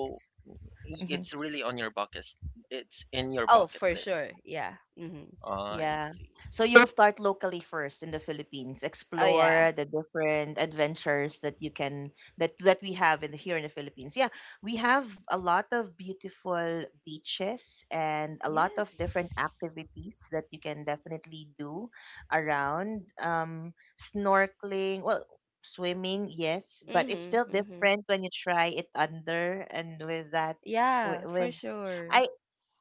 it's
yet.
really on your bucket. It's in your bucket
Oh, for
list.
sure, yeah.
Oh,
Mm-hmm.
I see.
Yeah. So you'll start locally first in the Philippines,
Oh yeah,
explore the different adventures that you can that that we have in the, here in the Philippines. Yeah, we have a lot of beautiful beaches and a lot of different
yes.
activities that you can definitely do around snorkeling, well swimming, yes, but it's
Mm-hmm,
still
mm-hmm.
different when you try it under and with that
Yeah,
with
for sure.
I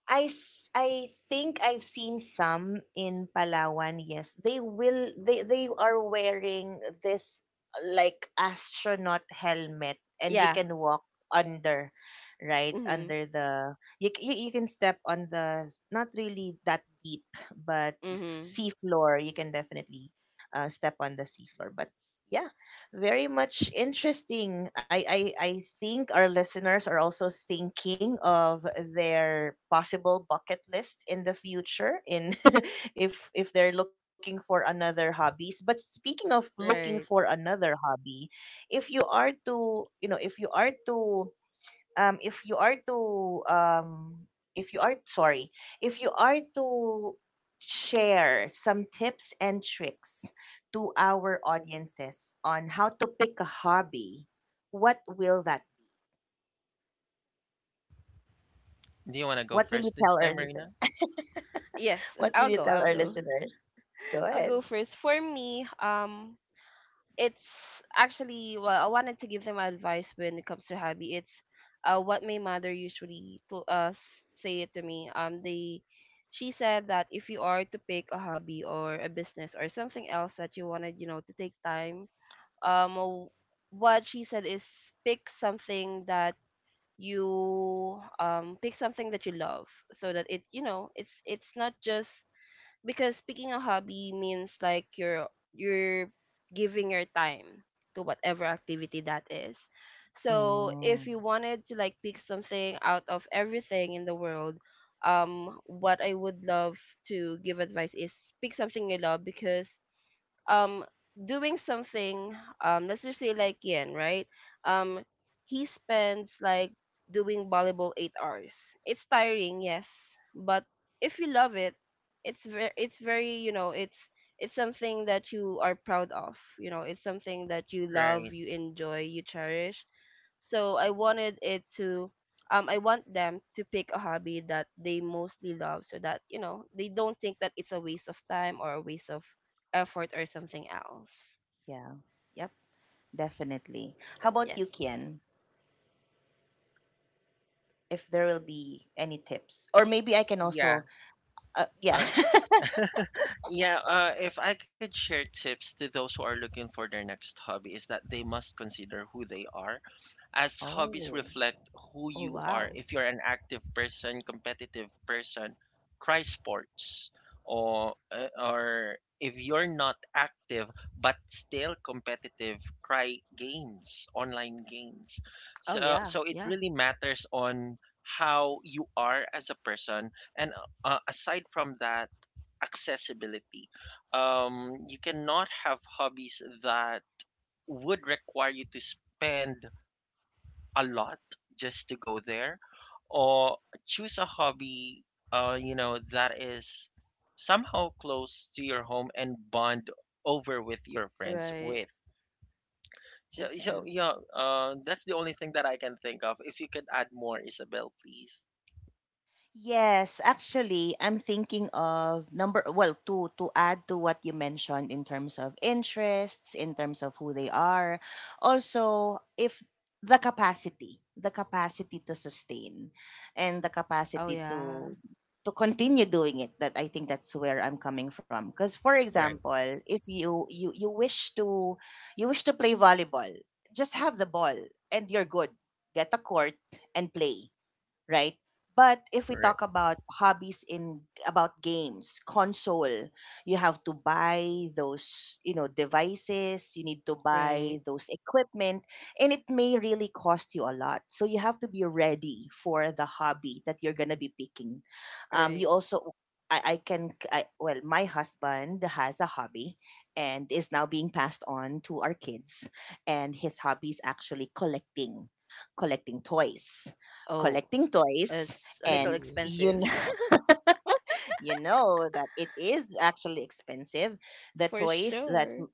I s- I think I've seen some in Palawan. Yes, they will. They are wearing this like astronaut helmet, and you
Yeah.
can walk under, right
Mm-hmm,
under the you can step on not really that deep, but
mm-hmm.
sea floor. You can definitely step on the sea floor, but. Yeah, very much interesting. I think our listeners are also thinking of their possible bucket list in the future in if they're looking for another hobbies. But speaking of looking for
Right.
another hobby, if you are to you know, if you are to if you are to if you are sorry if you are to share some tips and tricks to our audiences on how to pick a hobby, what will that be?
Do you want to go
What will you
first this
tell our
time,
listen,
Reina?
Yes,
what will
I'll
you
go,
tell
I'll
our
go.
listeners? Go
I'll go
ahead.
first. For me, it's actually, well, I wanted to give them advice. When it comes to hobby, it's what my mother usually to us. Say it to me. They she said that if you are to pick a hobby or a business or something else that you wanted, you know, to take time. um w- what she said is pick something that you pick something that you love so that it, you know, it's not just because picking a hobby means like you're giving your time to whatever activity that is. So
Mm,
if you wanted to like pick something out of everything in the world, what I would love to give advice is pick something you love because um doing something, let's just say like Yen, right? Um he spends like doing volleyball 8 hours. It's tiring, yes, but if you love it, it's very, you know, it's something that you are proud of. You know, it's something that you love,
Right.
you enjoy, you cherish. So I wanted it to I want them to pick a hobby that they mostly love so that, you know, they don't think that it's a waste of time or a waste of effort or something else.
yeah, yep, definitely. How about
Yes.
you, Kian? If there will be any tips, or maybe I can
Yeah.
also, yeah.
Uh, Yeah, if I could share tips to those who are looking for their next hobby, is that they must consider who they are, as hobbies
Oh.
reflect who
Oh
you are.
wow.
If you're an active person, competitive person, try sports. Or, if you're not active but still competitive, try games, online games.
Oh
So,
yeah.
so it
Yeah.
really matters on how you are as a person. And aside from that, accessibility. You cannot have hobbies that would require you to spend a lot just to go there, or choose a hobby, that is somehow close to your home and bond over with your friends
Right.
with. So,
That's
so
true.
yeah, uh, that's the only thing that I can think of. If you could add more, Isabel, please.
Yes, actually, I'm thinking of number, well, to add to what you mentioned in terms of interests, in terms of who they are. Also, if the capacity, the capacity to sustain and the
Oh
capacity
yeah.
to continue doing it, that I think that's where I'm coming from. Because for
Right,
example, if you wish to, you wish to play volleyball, just have the ball and you're good. Get a court and play, right? But if we
right.
talk about hobbies in about games, console, you have to buy those, devices, you need to
Right.
buy those equipment, and it may really cost you a lot. So you have to be ready for the hobby that you're gonna be picking.
Right.
You also I can I, well my husband has a hobby and is now being passed on to our kids, and his hobby is actually collecting toys
Oh,
collecting toys.
it's a little
And
Ooh.
you know,
expensive.
you know that it is actually expensive, the
For
toys that
sure.
m-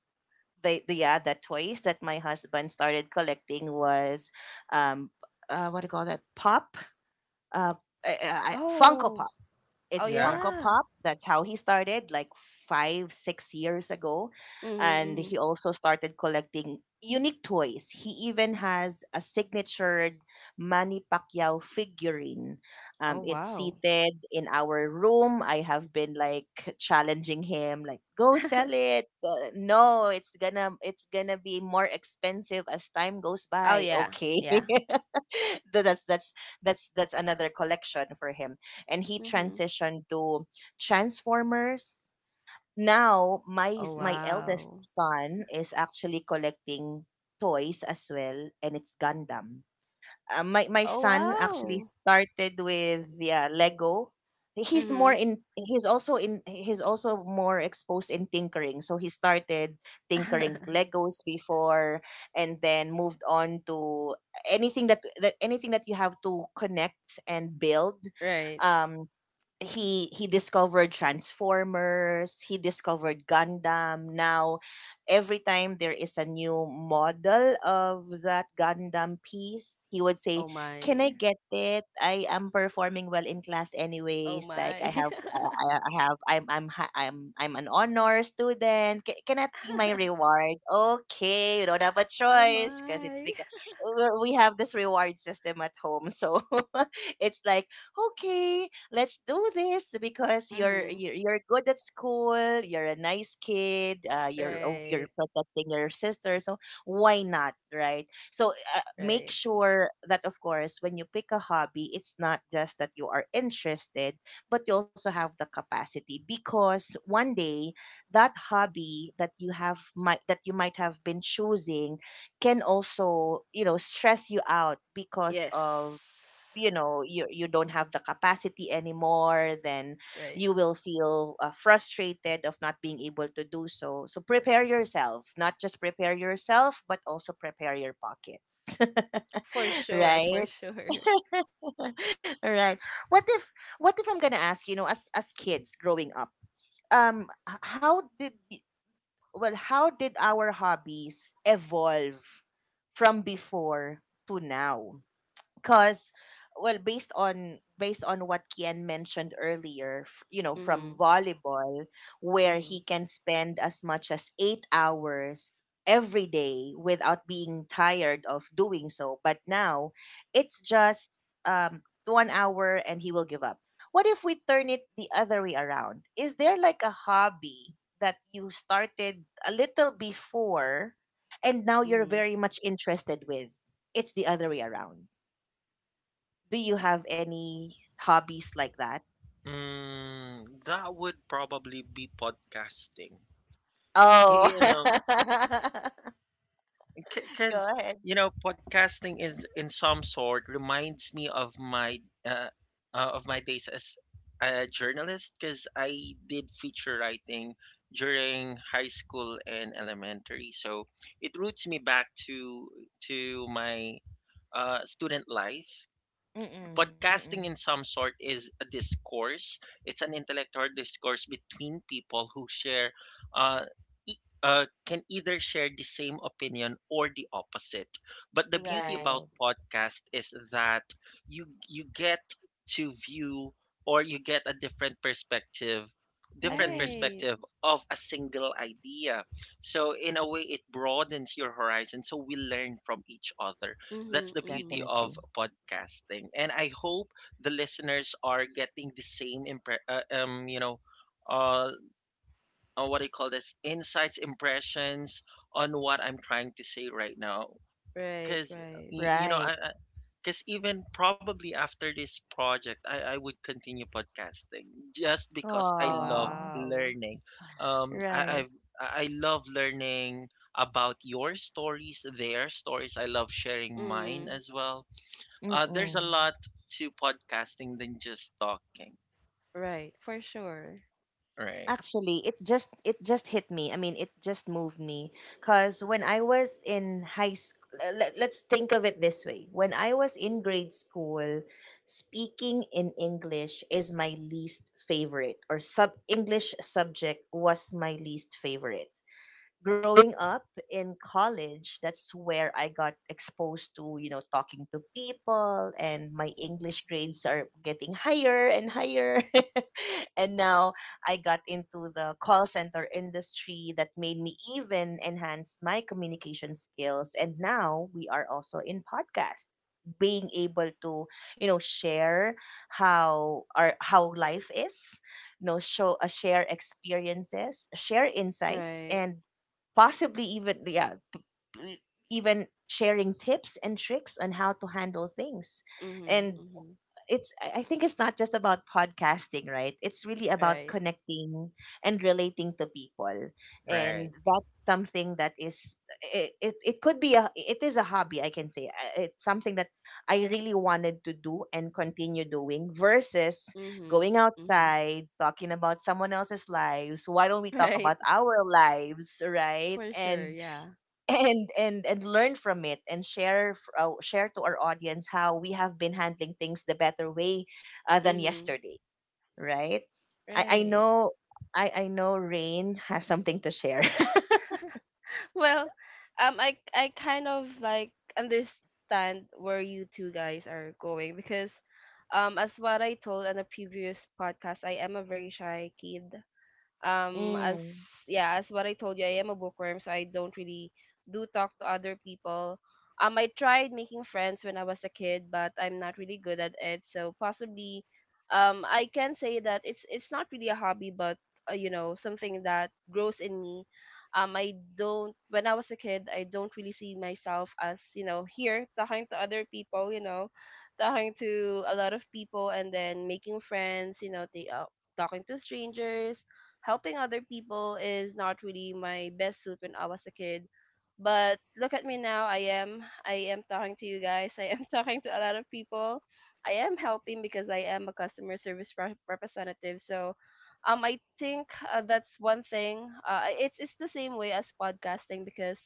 the yeah the toys that my husband started collecting was, um what do you call that, pop, uh, Funko Pop.
Oh. Oh
It's
Yeah,
Funko
yeah.
Pop. That's how he started, like 5, 6 years ago.
Mm-hmm,
And
mm-hmm.
he also started collecting unique toys. He even has a signatured Manny Pacquiao figurine.
Oh
It's
wow.
seated in our room. I have been like challenging him, like, go sell it. No, it's gonna be more expensive as time goes
oh
by.
yeah.
Okay.
Yeah.
That's another collection for him, and he
Mm-hmm.
transitioned to Transformers. Now my
Oh
my eldest
wow.
son is actually collecting toys as well, and it's Gundam. My
Oh
son actually
wow.
started with, yeah, Lego. He's more
Mm-hmm.
in. He's also in. He's also more exposed in tinkering. So he started tinkering Legos before, and then moved on to anything that anything that you have to connect and build.
right.
Um he he discovered Transformers, he discovered Gundam. Now every time there is a new model of that Gundam piece, he would
Oh
say, "Can I
my.
get it? I am performing well in class
Oh
anyways. Like
my.
I have I'm hi- I'm an honor student. Can that be my reward?" Okay, you don't have a
oh
choice because it's
my.
because we have this reward system at home. So it's like, okay, let's do this because
Mm-hmm.
you're good at school, you're a nice kid, you're, oh, you're
Right,
protecting your sister. So why not, right? So, make
right.
sure that, of course, when you pick a hobby, it's not just that you are interested, but you also have the capacity, because one day that hobby that you have might, that you might have been choosing, can also, you know, stress you out because
Yes.
of, you know, you don't have the capacity anymore, then
Right.
you will feel, frustrated of not being able to do so. So prepare yourself, not just prepare yourself, but also prepare your pocket.
For sure,
Right.
for sure.
Right. What if what if I'm going to ask, you know, as kids growing up, um h- how did y- how did our hobbies evolve from before to now? Because, well, based on what Kian mentioned earlier, you know, from
Mm-hmm.
volleyball, where
Mm-hmm.
he can spend as much as 8 hours every day without being tired of doing so, but now it's just, um, 1 hour and he will give up. What if we turn it the other way around? Is there like a hobby that you started a little before and now you're
Mm-hmm.
very much interested with? It's the other way around. Do you have any hobbies like that?
mm, that would probably be podcasting.
Oh.
You know,
Go
because
ahead.
podcasting, is in some sort, reminds me of uh, my days as a journalist, because I did feature writing during high school and elementary. So it roots me back to my student life.
Mm-mm, mm-mm.
Podcasting, in some sort, is a discourse. It's an intellectual discourse between people who uh, can either share the same opinion or the opposite. But the beauty
Right.
about
Right.
podcast is that you get to view, or you get a different perspective, different
Agree.
Right.
perspective of a single idea. So in a way, it broadens your horizon, so we learn from each other.
Mm-hmm.
That's the
Mm-hmm.
beauty of
Definitely.
podcasting. And I hope the listeners are getting the same uh, what do you call this, insights, impressions on what I'm trying to say right now.
Right,
Cause
right.
you know
Right.
I because even probably after this project, I would continue podcasting, just because I
Oh
love
Oh,
wow.
learning. I,
right.
I've I love learning about your stories, their stories. I love sharing mine
Mm.
as well. There's a
Mm-mm.
lot to podcasting than just talking.
Right, for sure.
Right,
Actually, it just hit me. I mean, it just moved me, cuz when I was in high school, let's think of it this way. When I was in grade school, speaking in English is my least favorite, or sub English subject was my least favorite, growing up. In college, that's where I got exposed to, you know, talking to people, and my English grades are getting higher and higher. And now I got into the call center industry that made me even enhance my communication skills. And now we are also in podcast, being able to, you know, share how our how life is, you know, show, share experiences, share insights,
Right.
and possibly even, yeah, e- even sharing tips and tricks on how to handle things.
Mm-hmm.
And
Mm-hmm.
it's, I think it's not just about podcasting, right? It's really about
Right.
connecting and relating to people. And
right,
that's something that is, it could be a, it is a hobby, I can say. It's something that I really wanted to do and continue doing, versus
Mm-hmm.
going
Mm-hmm.
outside talking about someone else's lives. Why don't we talk
Right.
about our lives, right?
For sure,
and
yeah.
and and and learn from it, and share, share to our audience how we have been handling things the better way, than
Mm-hmm.
yesterday. Right. i i
Right.
know i i know Rain has something to share.
Well, I kind of like understand where you two guys are going because, as what I told in a previous podcast, I am a very shy kid. As
Mm,
Yeah, as what I told you, I am a bookworm, so I don't really do talk to other people. I tried making friends when I was a kid, but I'm not really good at it. So possibly, I can say that it's not really a hobby, but you know, something that grows in me. I don't, when I was a kid, I don't really see myself as, you know, here talking to other people, you know, talking to a lot of people and then making friends, you know, they talking to strangers, helping other people is not really my best suit when I was a kid. But look at me now. I am talking to you guys. I am talking to a lot of people. I am helping because I am a customer service representative. So I think that's one thing. It's the same way as podcasting because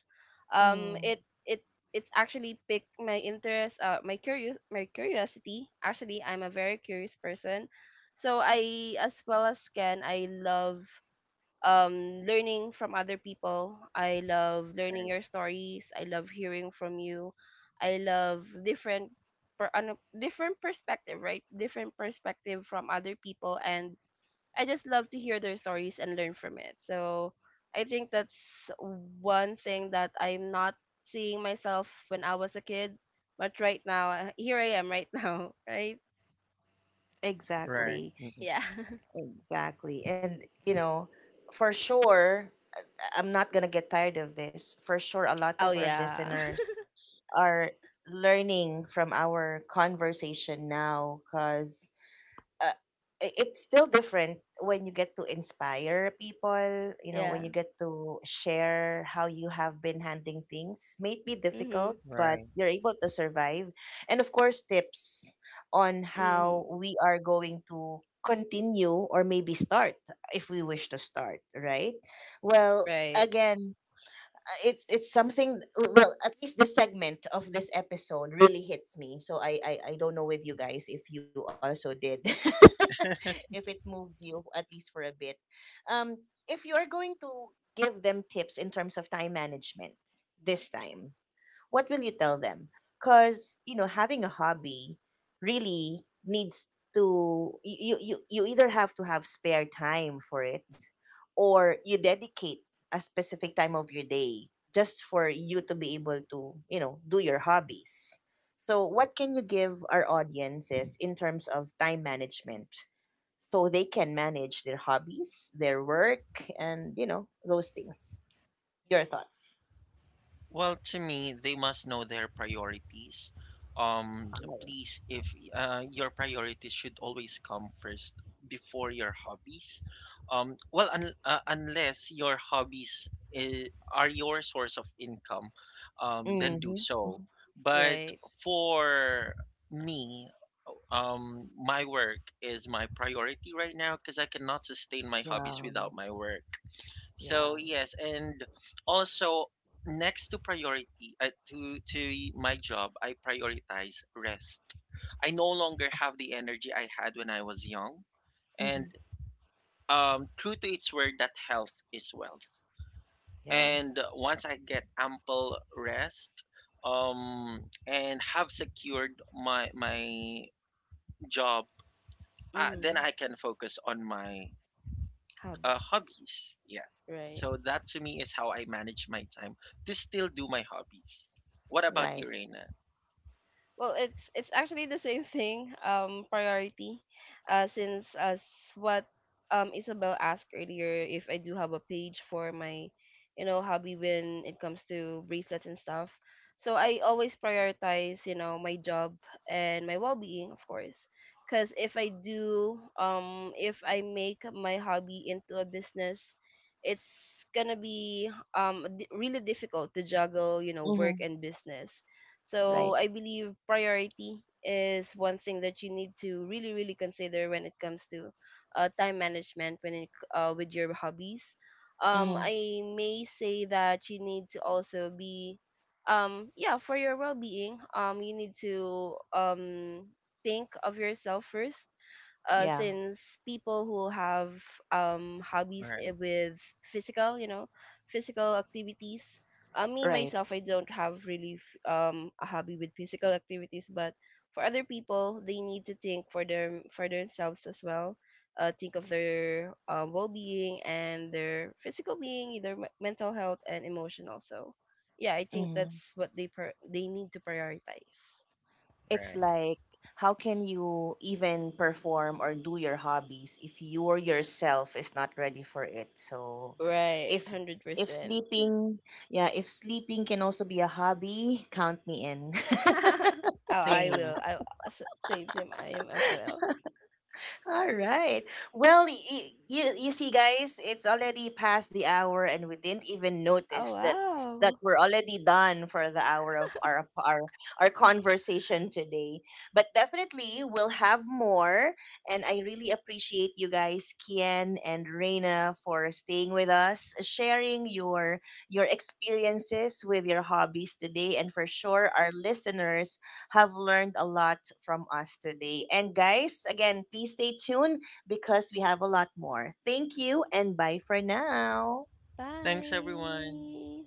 um
mm,
it it it's actually picked my interest, my curiosity. Actually, I'm a very curious person. So I, as well as Ken, I love learning from other people. I love learning
right,
your stories. I love hearing from you. I love different different perspective, right? Different perspective from other people, and I just love to hear their stories and learn from it. So I think that's one thing that I'm not seeing myself when I was a kid, but right now, here I am right now, right?
right,
exactly.
mm, mm,
Yeah.
Exactly. And, you know, for sure, I'm not going to get tired of this. For sure, a lot of
Oh
our
yeah.
listeners are learning from our conversation now, because, uh, it's still different when you get to inspire people, you know,
yeah.
when you get to share how you have been handling things. May be difficult,
Mhm.
but
right.
you're able to survive. And of course, tips on how
Mhm.
we are going to continue, or maybe start, if we wish to start, right? Well,
Right.
again, it's something, well, at least this segment of this episode really hits me. So I don't know with you guys if you also did. If it moved you at least for a bit. Um, if you're going to give them tips in terms of time management, this time, what will you tell them? Because, you know, having a hobby really needs to, you, either have to have spare time for it, or you dedicate a specific time of your day just for you to be able to, you know, do your hobbies. So, what can you give our audiences in terms of time management, so they can manage their hobbies, their work, and, you know, those things? Your thoughts?
Well, to me, they must know their priorities. Um,
Wow.
Please, if your priorities should always come first before your hobbies. Well, unless your hobbies are your source of income, then do
Mm-hmm.
so. But
Right.
for me, my work is my priority right now, because I cannot sustain my hobbies
Yeah.
without my work. So
Yeah.
yes, and also, next to priority, to my job, I prioritize rest. I no longer have the energy I had when I was young, and
Hmm.
true to its word that health is wealth.
Yeah.
And once I get ample rest, um, and have secured my job, then
Mm-hmm.
I can focus on my
Hub,
hobbies. Yeah.
right.
So that, to me, is how I manage my time to still do my hobbies. What about
Right.
you, Reina?
Well, it's actually the same thing, priority, since as what Isabel asked earlier, if I do have a page for my, you know, hobby when it comes to bracelets and stuff. So I always prioritize, you know, my job and my well-being, of course. Because if I do, if I make my hobby into a business, it's gonna be really difficult to juggle, you know, work
Hmm.
and business. So
Right.
I believe priority is one thing that you need to really, really consider when it comes to time management when it, with your hobbies.
Hmm.
I may say that you need to also be, yeah, for your well-being, you need to think of yourself first,
Yeah.
since people who have hobbies
Right,
with physical, you know, physical activities, me
Right.
myself, I don't have really a hobby with physical activities, but for other people, they need to think for their for themselves as well. Think of their well-being and their physical being, their mental health and emotion also. Yeah, I think that's
Hmm.
what they they need to prioritize.
It's
right.
like, how can you even perform or do your hobbies if you, or yourself, is not ready for it? So,
Right, hundred
if
percent.
sleeping, yeah, if sleeping can also be a hobby, count me in.
Oh, I
Same.
will. Same same. I am as well.
All right. Well, you see, guys, it's already past the hour, and we didn't even
Oh
notice that
wow.
we're already done for the hour of our our conversation today. But definitely, we'll have more, and I really appreciate you guys, Kian and Reina, for staying with us, sharing your experiences with your hobbies today, and for sure, our listeners have learned a lot from us today. And guys, again, please stay tuned because we have a lot more. Thank you and bye for now.
Thanks, everyone.
Bye.